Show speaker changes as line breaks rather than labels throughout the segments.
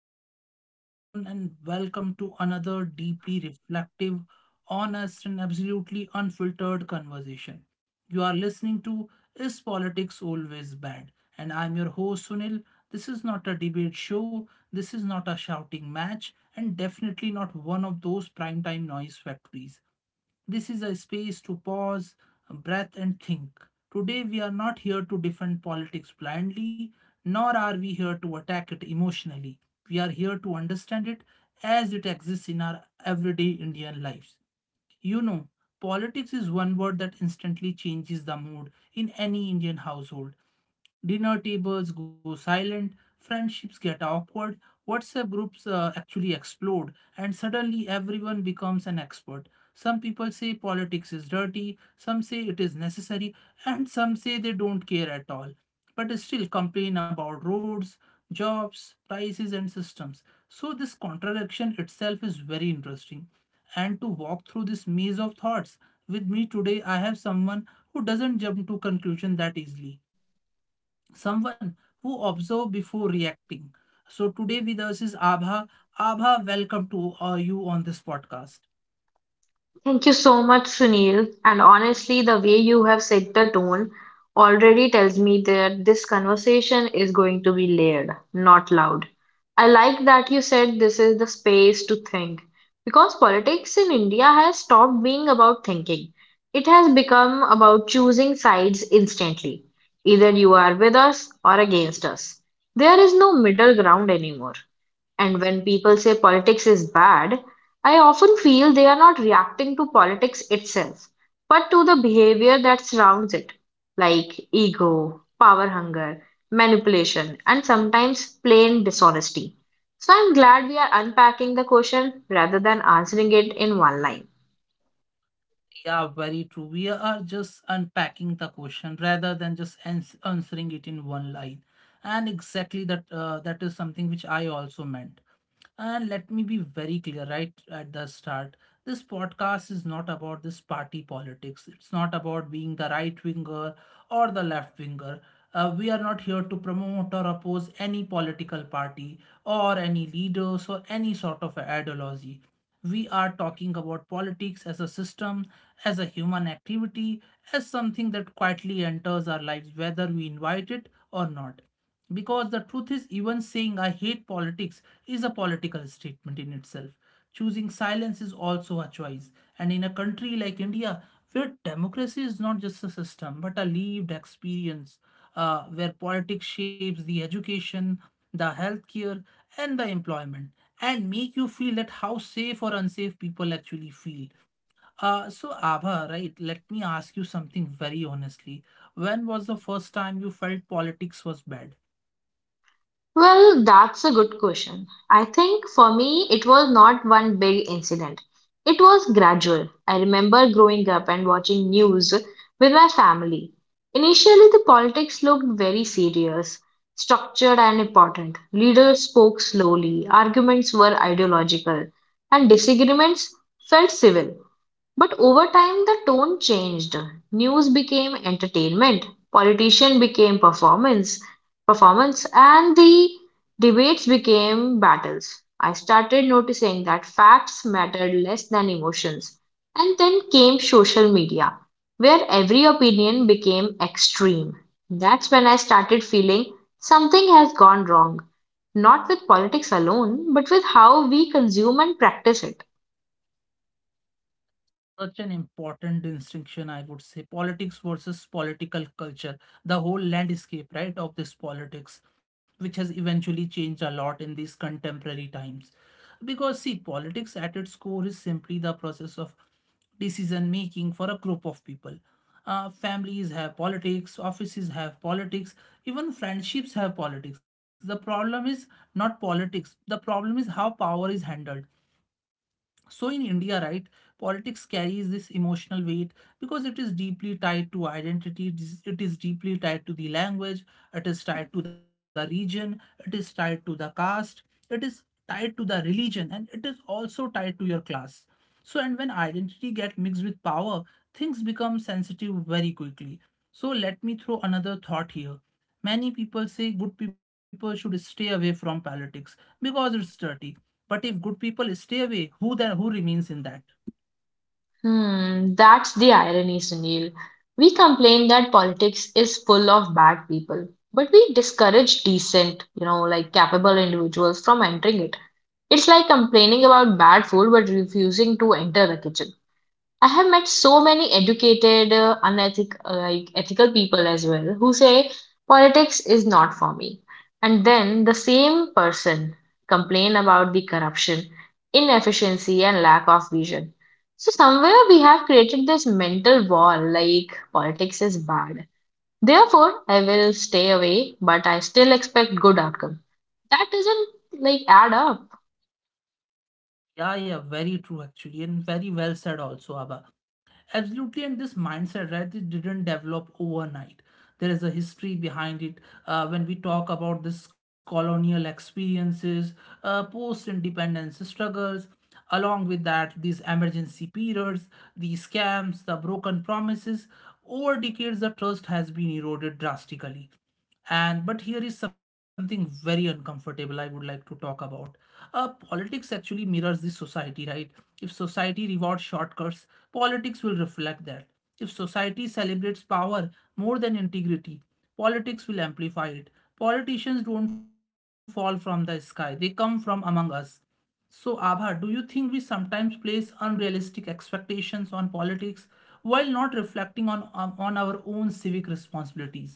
Hello, everyone, and welcome to another deeply reflective, honest, and absolutely unfiltered conversation. You are listening to Is Politics Always Bad? And I'm your host, Sunil. This is not a debate show, this is not a shouting match, and definitely not one of those primetime noise factories. This is a space to pause, breath, and think. Today, we are not here to defend politics blindly, nor are we here to attack it emotionally. We are here to understand it as it exists in our everyday Indian lives. You know, politics is one word that instantly changes the mood in any Indian household. Dinner tables go silent, friendships get awkward, WhatsApp groups actually explode, and suddenly everyone becomes an expert. Some people say politics is dirty, some say it is necessary, and some say they don't care at all, but still complain about roads, jobs, prices, and systems. So, this contradiction itself is very interesting. And to walk through this maze of thoughts, with me today, I have someone who doesn't jump to conclusion that easily, someone who observe before reacting. So today with us is Abha. Abha, welcome to you on this podcast.
Thank you so much, Sunil. And honestly, the way you have set the tone already tells me that this conversation is going to be layered, not loud. I like that you said this is the space to think because politics in India has stopped being about thinking. It has become about choosing sides instantly. Either you are with us or against us. There is no middle ground anymore. And when people say politics is bad, I often feel they are not reacting to politics itself, but to the behavior that surrounds it, like ego, power hunger, manipulation, and sometimes plain dishonesty. So I'm glad we are unpacking the question rather than answering it in one line.
Yeah, very true. We are just unpacking the question rather than just answering it in one line. And exactly that, that is something which I also meant. And let me be very clear right at the start. This podcast is not about this party politics. It's not about being the right winger or the left winger. We are not here to promote or oppose any political party or any leaders or any sort of ideology. We are talking about politics as a system, as a human activity, as something that quietly enters our lives, whether we invite it or not. Because the truth is, even saying I hate politics is a political statement in itself. Choosing silence is also a choice. And in a country like India, where democracy is not just a system but a lived experience, where politics shapes the education, the healthcare, and the employment and make you feel that how safe or unsafe people actually feel. So Abha, right? Let me ask you something very honestly. When was the first time you felt politics was bad?
Well, that's a good question. I think for me, it was not one big incident. It was gradual. I remember growing up and watching news with my family. Initially, the politics looked very serious, structured, and important. Leaders spoke slowly, arguments were ideological, and disagreements felt civil. But over time, the tone changed. News became entertainment, politician became performance, and the debates became battles. I started noticing that facts mattered less than emotions. And then came social media, where every opinion became extreme. That's when I started feeling something has gone wrong, not with politics alone, but with how we consume and practice it.
Such an important distinction, I would say, politics versus political culture, the whole landscape, right, of this politics, which has eventually changed a lot in these contemporary times. Because see, politics at its core is simply the process of decision making for a group of people. Families have politics, offices have politics, even friendships have politics. The problem is not politics, the problem is how power is handled. So in India, right, politics carries this emotional weight because it is deeply tied to identity, it is deeply tied to the language, it is tied to the region, it is tied to the caste, it is tied to the religion, and it is also tied to your class. So and when identity get mixed with power, things become sensitive very quickly. So let me throw another thought here. Many people say good people should stay away from politics because it's dirty. But if good people stay away, who then who remains in that?
Hmm, that's the irony, Sunil. We complain that politics is full of bad people, but we discourage decent, like capable individuals from entering it. It's like complaining about bad food but refusing to enter the kitchen. I have met so many educated, like ethical people as well who say politics is not for me. And then the same person complain about the corruption, inefficiency, and lack of vision. So somewhere we have created this mental wall like politics is bad. Therefore, I will stay away, but I still expect good outcome. That doesn't like add up.
Yeah, yeah, very true actually, and very well said also, Abba. Absolutely. And this mindset, right, it didn't develop overnight. There is a history behind it. When we talk about this colonial experiences, post independence struggles, along with that these emergency periods, the scams, the broken promises, over decades the trust has been eroded drastically. And but here is something very uncomfortable I would like to talk about. Politics actually mirrors the society, right? If society rewards shortcuts, politics will reflect that. If society celebrates power more than integrity, politics will amplify it. Politicians don't fall from the sky, they come from among us. So, Abha, do you think we sometimes place unrealistic expectations on politics while not reflecting on, on our own civic responsibilities?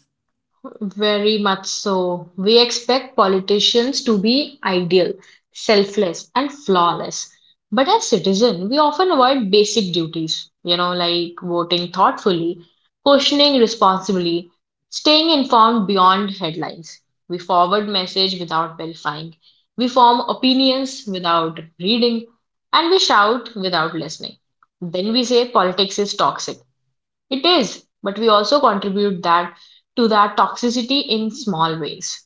Very much so. We expect politicians to be ideal, selfless, and flawless. But as citizens, we often avoid basic duties, like voting thoughtfully, questioning responsibly, staying informed beyond headlines. We forward message without verifying. We form opinions without reading, and we shout without listening. Then we say politics is toxic, it is, but we also contribute that to that toxicity in small ways.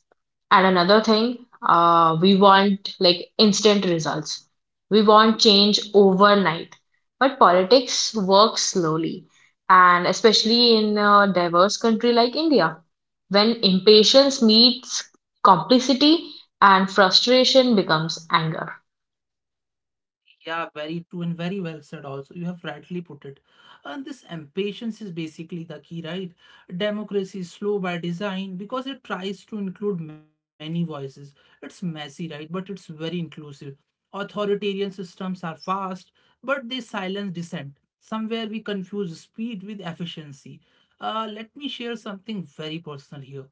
And another thing, we want like instant results. We want change overnight. But politics works slowly, and especially in a diverse country like India, when impatience meets complicity and frustration becomes anger.
Yeah, very true and very well said also. You have rightly put it. And this impatience is basically the key, right? Democracy is slow by design because it tries to include many voices. It's messy, right? But it's very inclusive. Authoritarian systems are fast, but they silence dissent. Somewhere we confuse speed with efficiency. Let me share something very personal here.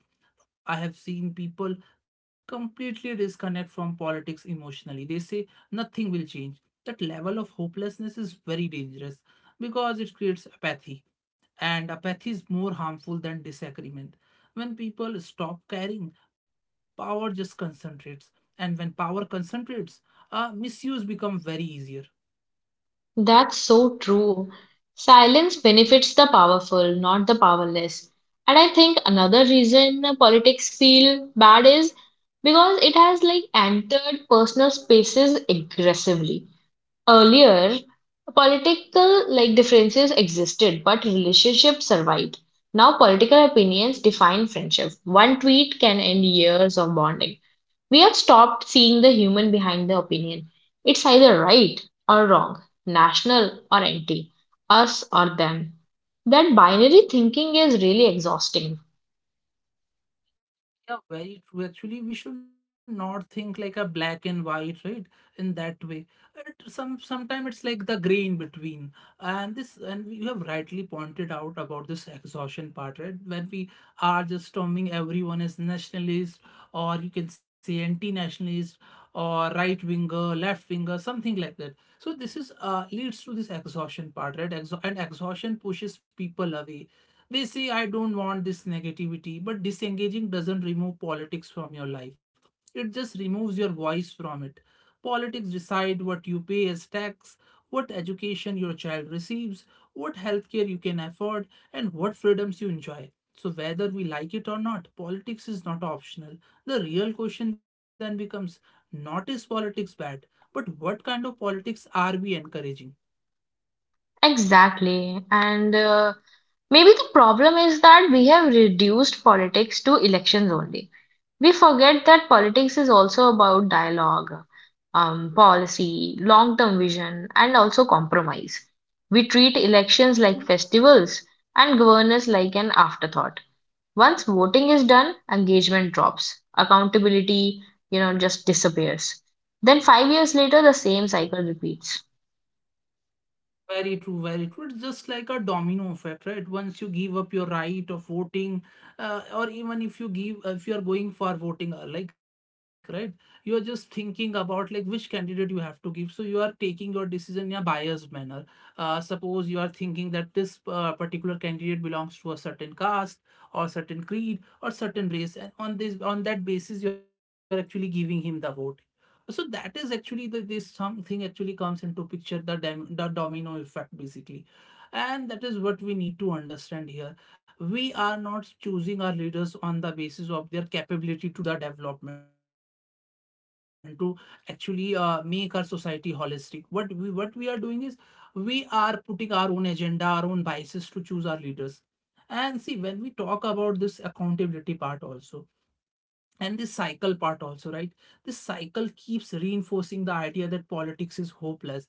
I have seen people completely disconnect from politics emotionally. They say nothing will change. That level of hopelessness is very dangerous because it creates apathy and apathy is more harmful than disagreement. When people stop caring, power just concentrates, and when power concentrates, misuse become very easier.
That's so true. Silence benefits the powerful, not the powerless. And I think another reason politics feel bad is because it has like entered personal spaces aggressively. Earlier, political like differences existed, but relationships survived. Now political opinions define friendship. One tweet can end years of bonding. We have stopped seeing the human behind the opinion. It's either right or wrong, national or anti, us or them. That binary thinking is really exhausting.
Yeah, very true. Actually, we should not think like a black and white, right? In that way, it, sometimes it's like the gray in between. And this, and you have rightly pointed out about this exhaustion part, right? When we are just terming everyone as nationalist, or you can say anti-nationalist, or right winger, left winger, something like that. So this is leads to this exhaustion part, right? Exhaustion pushes people away, they say, I don't want this negativity, but disengaging doesn't remove politics from your life. It just removes your voice from it. Politics decide what you pay as tax, what education your child receives, what healthcare you can afford, and what freedoms you enjoy. So, whether we like it or not, politics is not optional. The real question then becomes not is politics bad, but what kind of politics are we encouraging?
Exactly. And maybe the problem is that we have reduced politics to elections only. We forget that politics is also about dialogue, policy, long term vision, and also compromise. We treat elections like festivals and governance like an afterthought. Once voting is done, engagement drops. Accountability, just disappears. Then 5 years later, the same cycle repeats.
Very true, very true. It's just like a domino effect, right? Once you give up your right of voting, or even if you give, if you are going for voting, like, right, you are just thinking about like which candidate you have to give. So you are taking your decision in a biased manner. Suppose you are thinking that this particular candidate belongs to a certain caste or certain creed or certain race, and on this, on that basis, you are actually giving him the vote. So that is actually the this something actually comes into picture the, the domino effect basically. And that is what we need to understand here. We are not choosing our leaders on the basis of their capability to do the development to actually make our society holistic. What we are doing is we are putting our own agenda, our own biases to choose our leaders. And see, when we talk about this accountability part also and this cycle part also, right, this cycle keeps reinforcing the idea that politics is hopeless.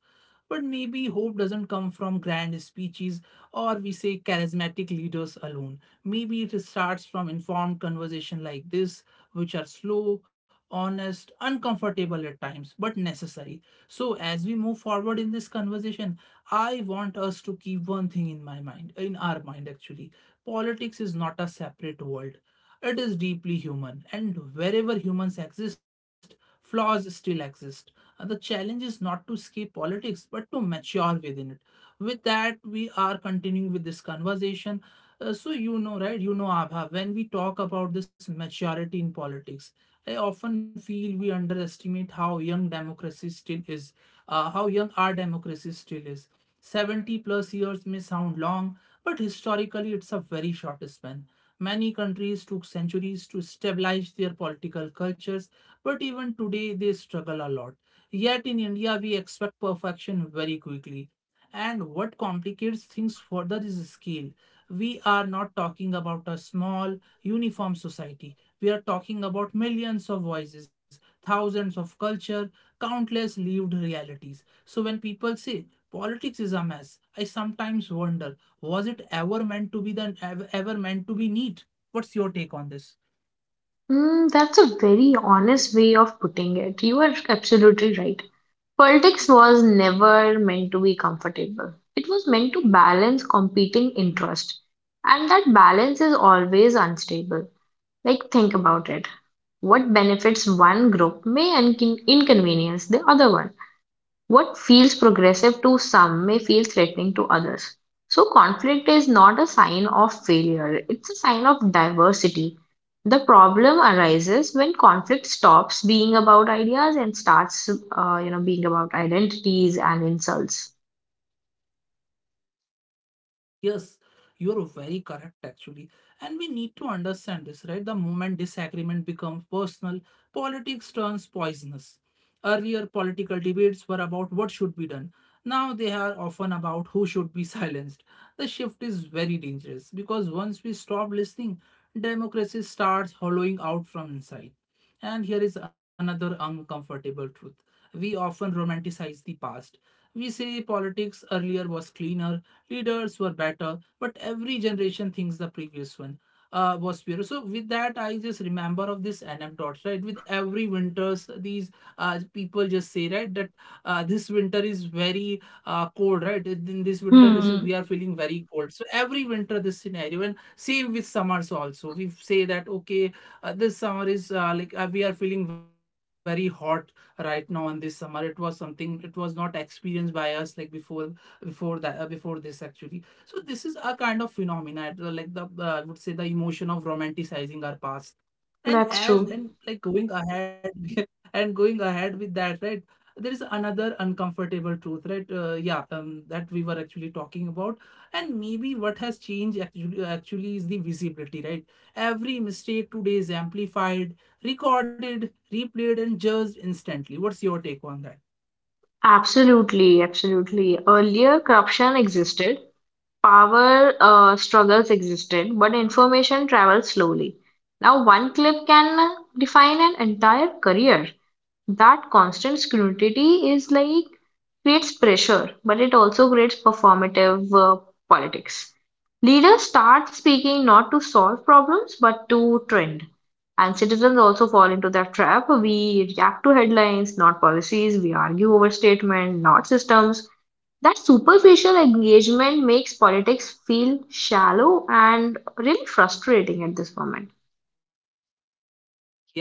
But maybe hope doesn't come from grand speeches or we say charismatic leaders alone. Maybe it starts from informed conversation like this, which are slow, honest, uncomfortable at times, but necessary. So as we move forward in this conversation, I want us to keep one thing in my mind, in our mind actually, politics is not a separate world, it is deeply human, and wherever humans exist, flaws still exist. And the challenge is not to escape politics, but to mature within it. With that, we are continuing with this conversation. So you know, right? You know, Abha, when we talk about this maturity in politics, I often feel we underestimate how young democracy still is, how young our democracy still is. 70 plus years may sound long, but historically it's a very short span. Many countries took centuries to stabilize their political cultures, but even today they struggle a lot. Yet in India, we expect perfection very quickly. And what complicates things further is scale. We are not talking about a small, uniform society. We are talking about millions of voices, thousands of culture, countless lived realities. So when people say politics is a mess, I sometimes wonder, was it ever meant to be the ever, meant to be neat? What's your take on this?
Mm, that's a very honest way of putting it. You are absolutely right. Politics was never meant to be comfortable. It was meant to balance competing interests. And that balance is always unstable. Like, think about it. What benefits one group may inconvenience the other one. What feels progressive to some may feel threatening to others. So, conflict is not a sign of failure, it's a sign of diversity. The problem arises when conflict stops being about ideas and starts, being about identities and insults.
Yes, you're very correct actually. And we need to understand this, right? The moment disagreement becomes personal, politics turns poisonous. Earlier, political debates were about what should be done. Now they are often about who should be silenced. The shift is very dangerous because once we stop listening, democracy starts hollowing out from inside. And here is another uncomfortable truth. We often romanticize the past. We say politics earlier was cleaner, leaders were better, but every generation thinks the previous one was pure. So with that, I just remember of this anecdote, right? With every winters, these people just say, right, that this winter is very cold, right? In this winter, this is
Hmm.
we are feeling very cold. So every winter, this scenario, and same with summers also. We say that okay, this summer is we are feeling very hot right now on this summer. It was not experienced by us like before before that before this actually. So this is a kind of phenomena, like the I would say the emotion of romanticizing our past
That's
and
true.
as and like going ahead and going ahead with that, right? There is another uncomfortable truth, right? Yeah that we were actually talking about. And maybe what has changed actually is the visibility, right? Every mistake today is amplified, recorded, replayed and judged instantly. What's your take on that?
Absolutely, absolutely. Earlier, corruption existed, power struggles existed, but information traveled slowly. Now, one clip can define an entire career. That constant scrutiny is like creates pressure, but it also creates performative politics. Leaders start speaking not to solve problems but to trend. And citizens also fall into that trap. We react to headlines, not policies. We argue over statement, not systems. That superficial engagement makes politics feel shallow and really frustrating at this moment.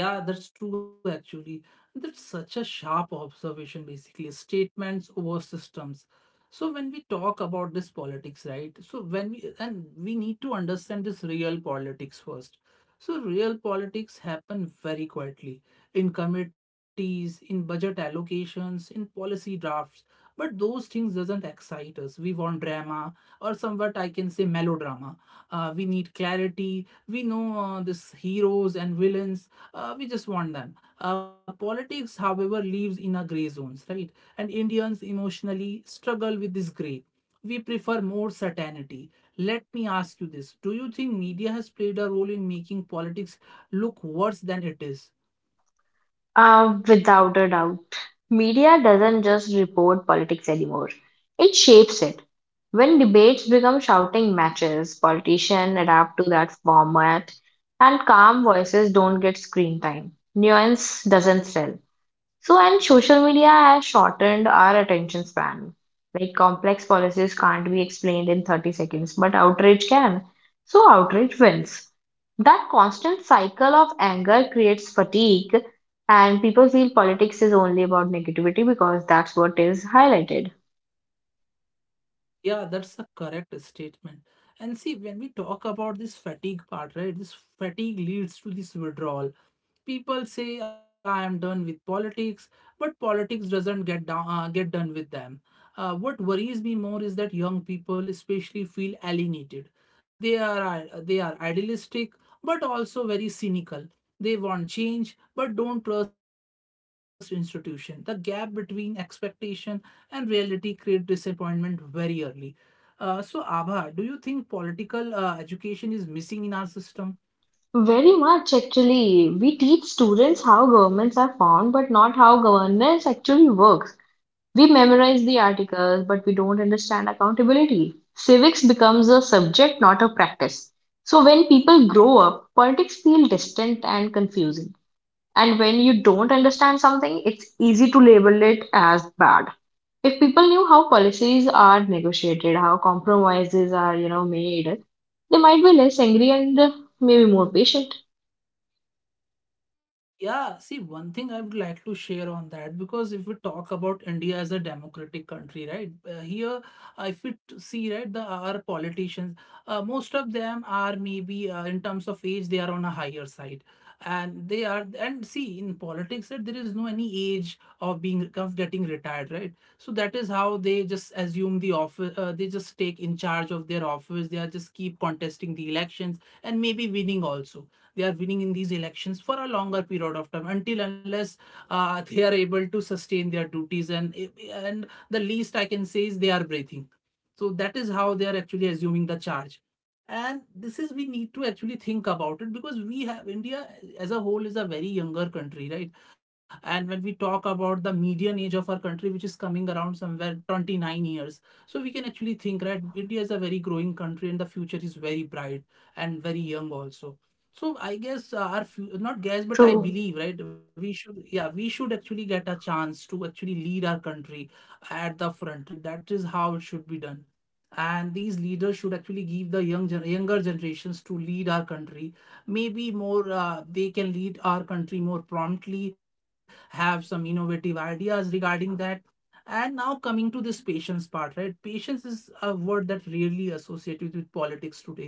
Yeah, that's true actually. That's such a sharp observation basically. Statements over systems. So when we talk about this politics, right? So when we and We need to understand this real politics first. So real politics happen very quietly, in committees, in budget allocations, in policy drafts. But those things doesn't excite us. We want drama, or somewhat I can say melodrama. We need clarity. We know this heroes and villains, we just want them. Politics, however, lives in a gray zones, right? And Indians emotionally struggle with this gray. We prefer more certainty. Let me ask you this: do you think media has played a role in making politics look worse than it is?
Without a doubt, media doesn't just report politics anymore, it shapes it. When debates become shouting matches, politicians adapt to that format, and calm voices don't get screen time. Nuance doesn't sell. So, and social media has shortened our attention span. Like complex policies can't be explained in 30 seconds, but outrage can. So, outrage wins. That constant cycle of anger creates fatigue, and people feel politics is only about negativity because that's what is highlighted.
Yeah, that's a correct statement. And see, when we talk about this fatigue part, right? This fatigue leads to this withdrawal. People say I am done with politics, but politics doesn't get done with them. What worries me more is that young people, especially, feel alienated. They are idealistic, but also very cynical. They want change, but don't trust institution. The gap between expectation and reality create disappointment very early. So, Abha, do you think political education is missing in our system?
Very much actually. We teach students how governments are formed, but not how governance actually works. We memorize the articles, but we don't understand accountability. Civics becomes a subject, not a practice. So when people grow up, politics feel distant and confusing. And when you don't understand something, it's easy to label it as bad. If people knew how policies are negotiated, how compromises are, made, they might be less angry and maybe more patient.
Yeah, see, one thing I would like to share on that, because if we talk about India as a democratic country, right? Here, if we t- see, right, the our politicians, most of them are maybe in terms of age, they are on a higher side, and see, in politics, that there is no any age of being of getting retired, right? So that is how they just assume the office, they just take in charge of their office, they are just keep contesting the elections and maybe winning also. They are winning in these elections for a longer period of time, until unless they are able to sustain their duties and the least I can say is they are breathing. So that is how they are actually assuming the charge. And this is we need to actually think about it, because we have India as a whole is a very younger country, right? And when we talk about the median age of our country, which is coming around somewhere 29 years, so we can actually think, right, India is a very growing country and the future is very bright and very young also. So I guess our fu- not guess, but I
True,
believe, right? We should, yeah, we should actually get a chance to actually lead our country at the front, right? That is how it should be done. And these leaders should actually give the younger generations to lead our country. Maybe more, they can lead our country more promptly, have some innovative ideas regarding that. And now coming to this patience part, right? Patience is a word that rarely associated with politics today,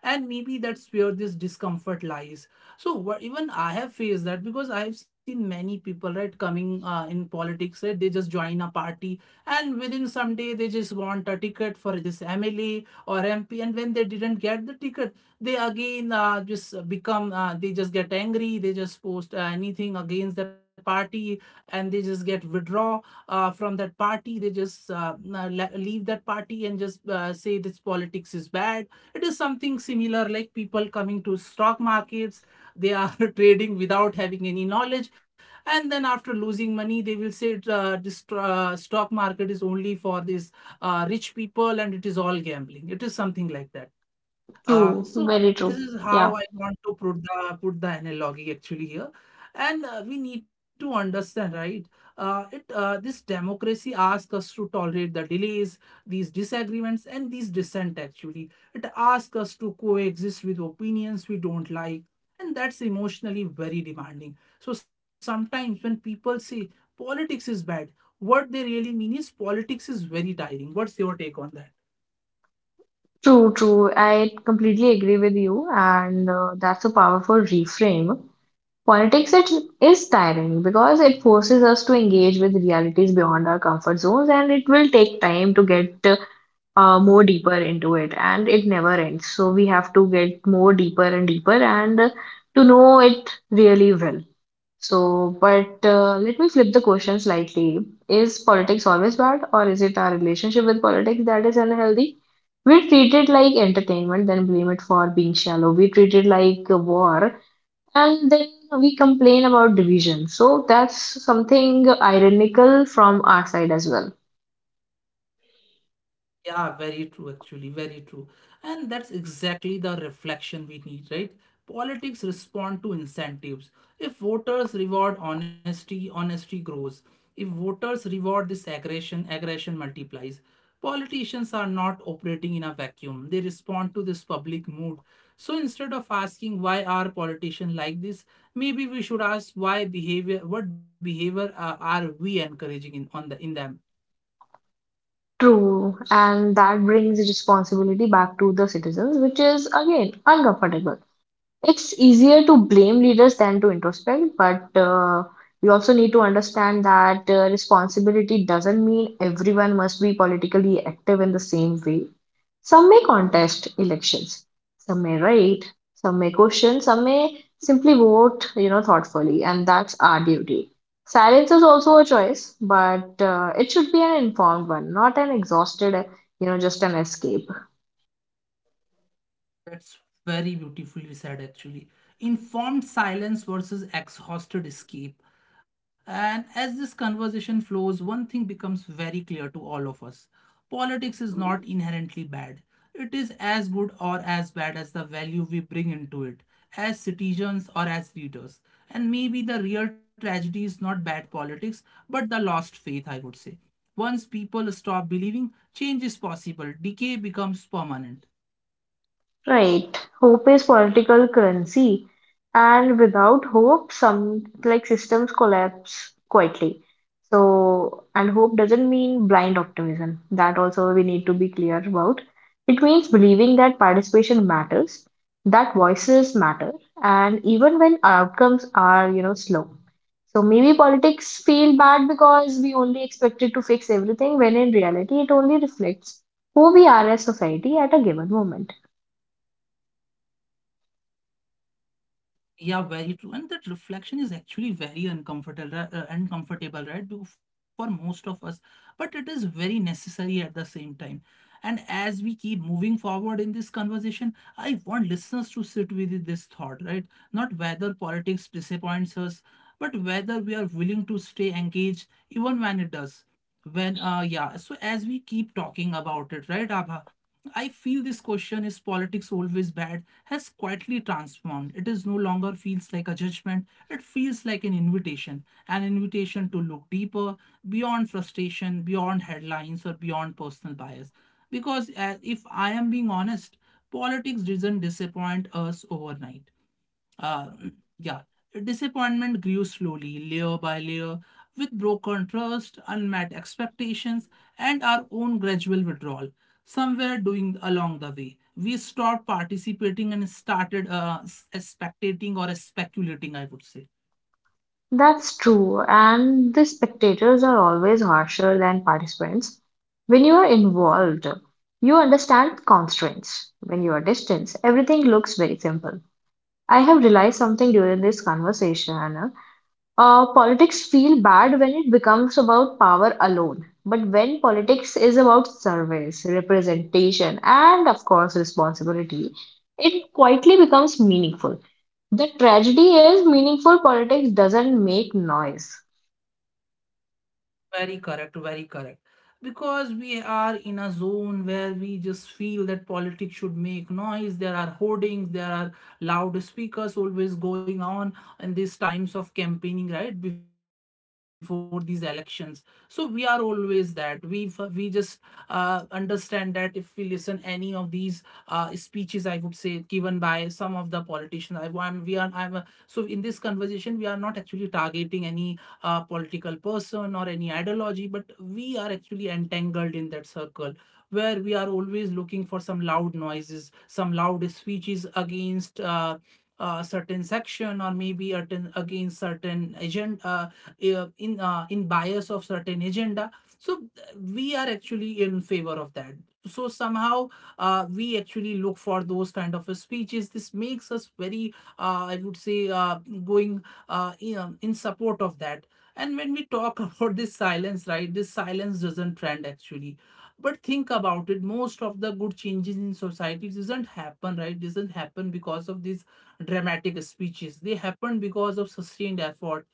and maybe that's where this discomfort lies. So even I have faced that, because I have seen many people, right, coming in politics, right? They just join a party, and within some day they just want a ticket for this MLA or MP, and when they didn't get the ticket, they again, just become they just get angry, they just post anything against the party, and they just get withdraw from that party. They just leave that party and just say this politics is bad. It is something similar like people coming to stock markets. They are trading without having any knowledge, and then after losing money they will say, this stock market is only for these rich people, and it is all gambling, it is something like that.
true,
So
very true.
this is
Yeah.
how I want to put the analogy actually here, and we need to understand, right? It This democracy asks us to tolerate the delays, these disagreements, and these dissent. Actually, it asks us to coexist with opinions we don't like, and that's emotionally very demanding. So sometimes when people say politics is bad, what they really mean is politics is very tiring. What's your take on that?
True, true. I completely agree with you, and that's a powerful reframe. Politics, it is tiring because it forces us to engage with realities beyond our comfort zones, and it will take time to get more deeper into it, and it never ends. So we have to get more deeper and deeper, and to know it really well. So, but let me flip the question slightly. Is politics always bad, or is it our relationship with politics that is unhealthy? We treat it like entertainment, then blame it for being shallow. We treat it like a war, and then we complain about division. So, that's something ironical from our side as well.
Yeah, very true, actually, very true. And that's exactly the reflection we need, right? Politics respond to incentives. If voters reward honesty, honesty grows. If voters reward this aggression, aggression multiplies. Politicians are not operating in a vacuum. They respond to this public mood. So instead of asking why are politicians like this, maybe we should ask what behavior are we encouraging in on the in them?
True, and that brings responsibility back to the citizens, which is again uncomfortable. It's easier to blame leaders than to introspect, but we also need to understand that responsibility doesn't mean everyone must be politically active in the same way. Some may contest elections, some may write, some may question, some may simply vote, thoughtfully, and that's our duty. Silence is also a choice, but it should be an informed one, not an exhausted, just an escape.
That's very beautifully said, actually. Informed silence versus exhausted escape. And as this conversation flows, one thing becomes very clear to all of us: politics is not inherently bad, it is as good or as bad as the value we bring into it, as citizens or as leaders. And maybe the real tragedy is not bad politics, but the lost faith, I would say. Once people stop believing change is possible, decay becomes permanent.
Right. Hope is political currency, and without hope, some like systems collapse quietly. So, and hope doesn't mean blind optimism. That also we need to be clear about. It means believing that participation matters, that voices matter, and even when outcomes are, slow. So maybe politics feel bad because we only expect it to fix everything, when in reality it only reflects who we are as society at a given moment.
Yeah, very true. And that reflection is actually very uncomfortable, uncomfortable, right? Because for most of us, but it is very necessary at the same time. And as we keep moving forward in this conversation, I want listeners to sit with this thought, right? Not whether politics disappoints us, but whether we are willing to stay engaged even when it does. When, yeah. So as we keep talking about it, right, Abha? I feel this question, is politics always bad, has quietly transformed. It is no longer feels like a judgment, it feels like an invitation to look deeper, beyond frustration, beyond headlines, or beyond personal bias. Because if I am being honest, politics doesn't disappoint us overnight. Uh, mm, yeah, disappointment grew slowly, layer by layer, with broken trust, unmet expectations, and our own gradual withdrawal. Somewhere doing along the way, we stopped participating and started spectating or speculating, I would say.
That's true, and the spectators are always harsher than participants. When you are involved, you understand constraints. When you are distant, everything looks very simple. I have realized something during this conversation. Politics feel bad when it becomes about power alone. But when politics is about service, representation, and of course responsibility, it quietly becomes meaningful. The tragedy is meaningful politics doesn't make noise.
Very correct, very correct. Because we are in a zone where we just feel that politics should make noise. There are hoardings, there are loudspeakers always going on in these times of campaigning, right? Before these elections. So we are always that. We just understand that if we listen any of these speeches, I would say, given by some of the politicians, I want we are I'm a, so in this conversation we are not actually targeting any a political person or any ideology, but we are actually entangled in that circle where we are always looking for some loud noises, some loud speeches against. A certain section, or maybe a against certain agenda, in bias of certain agenda. So we are actually in favor of that. So somehow we actually look for those kind of speeches. This makes us very, I would say, going in support of that. And when we talk about this silence, right, this silence doesn't trend actually. But think about it, most of the good changes in society doesn't happen, right? Doesn't happen because of these dramatic speeches. They happen because of sustained effort,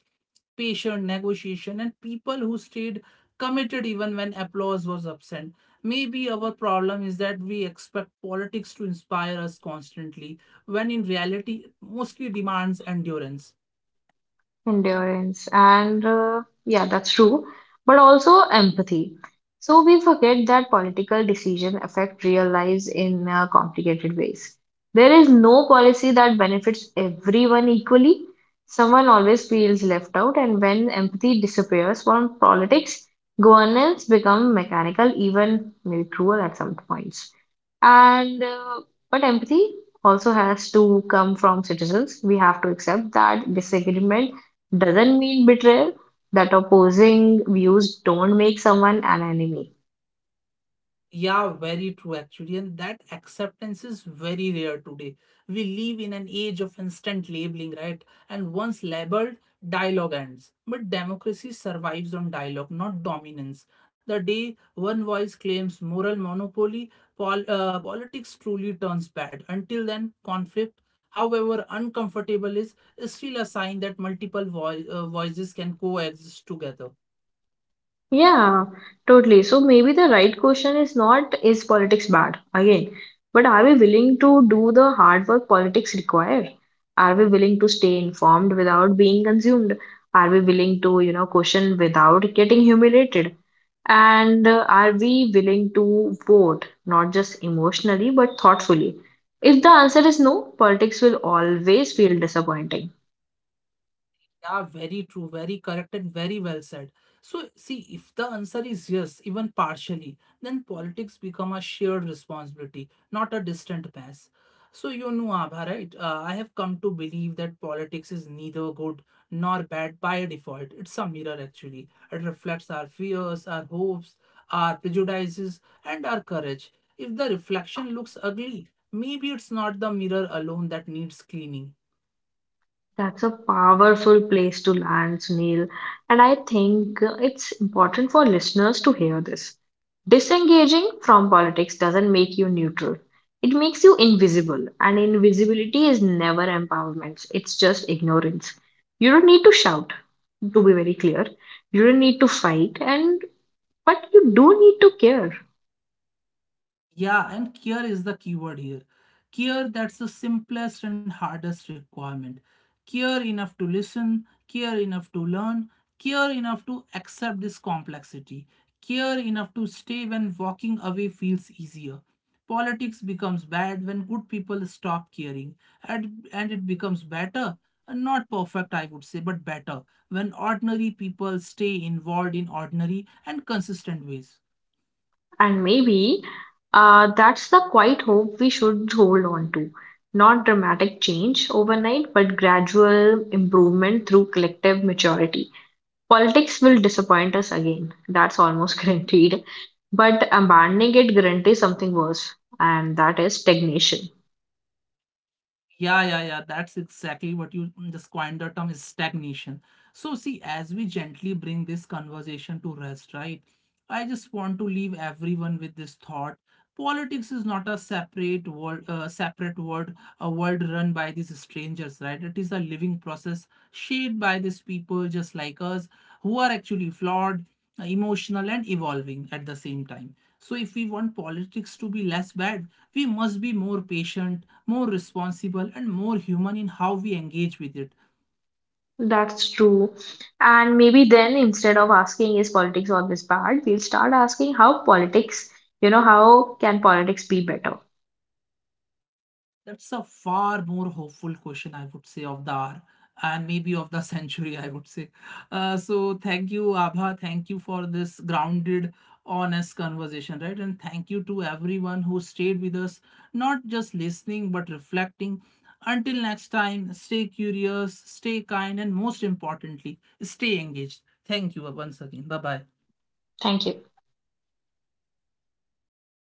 patient negotiation and people who stayed committed even when applause was absent. Maybe our problem is that we expect politics to inspire us constantly, when in reality it mostly demands endurance.
Endurance, and yeah, that's true, but also empathy. So we forget that political decisions affect real lives in complicated ways. There is no policy that benefits everyone equally. Someone always feels left out, and when empathy disappears from politics, governance become mechanical, even maybe cruel at some points. And but empathy also has to come from citizens. We have to accept that disagreement doesn't mean betrayal, that opposing views don't make someone an enemy.
Yeah, very true actually. And that acceptance is very rare today. We live in an age of instant labeling, right? And once labeled, dialogue ends. But democracy survives on dialogue, not dominance. The day one voice claims moral monopoly, politics truly turns bad. Until then, conflict, however uncomfortable, is still a sign that multiple voices can coexist together.
Yeah, totally. So maybe the right question is not, is politics bad again, but are we willing to do the hard work politics require? Are we willing to stay informed without being consumed? Are we willing to, question without getting humiliated? And are we willing to vote, not just emotionally, but thoughtfully? If the answer is no, politics will always feel disappointing.
Yeah, very true, very correct, and very well said. So, see, if the answer is yes, even partially, then politics become a shared responsibility, not a distant pass. So, you know, Abha, right? I have come to believe that politics is neither good nor bad by default. It's a mirror, actually. It reflects our fears, our hopes, our prejudices, and our courage. If the reflection looks ugly, maybe it's not the mirror alone that needs cleaning.
That's a powerful place to land, Sunil. And I think it's important for listeners to hear this. Disengaging from politics doesn't make you neutral. It makes you invisible, and invisibility is never empowerment, it's just ignorance. You don't need to shout, to be very clear. You don't need to fight, and but you do need to care.
Yeah, and care is the keyword here. Care, that's the simplest and hardest requirement. Care enough to listen, care enough to learn, care enough to accept this complexity, care enough to stay when walking away feels easier. Politics becomes bad when good people stop caring, and it becomes better, not perfect, I would say, but better, when ordinary people stay involved in ordinary and consistent ways.
And maybe that's the quiet hope we should hold on to. Not dramatic change overnight, but gradual improvement through collective maturity. Politics will disappoint us again, that's almost guaranteed. But abandoning it guarantees something worse, and that is stagnation.
Yeah, yeah, yeah. That's exactly what you just coined, the term is stagnation. So, see, as we gently bring this conversation to rest, right? I just want to leave everyone with this thought: politics is not a separate world, a world run by these strangers, right? It is a living process, shaped by these people just like us, who are actually flawed, emotional and evolving at the same time. So if we want politics to be less bad, we must be more patient, more responsible and more human in how we engage with it.
That's true. And maybe then, instead of asking, is politics always bad, we'll start asking how politics, how can politics be better?
That's a far more hopeful question, I would say, of the hour and maybe of the century, I would say. So, thank you, Abha. Thank you for this grounded, honest conversation, right? And thank you to everyone who stayed with us, not just listening, but reflecting. Until next time, stay curious, stay kind, and most importantly, stay engaged. Thank you once again. Bye bye.
Thank you.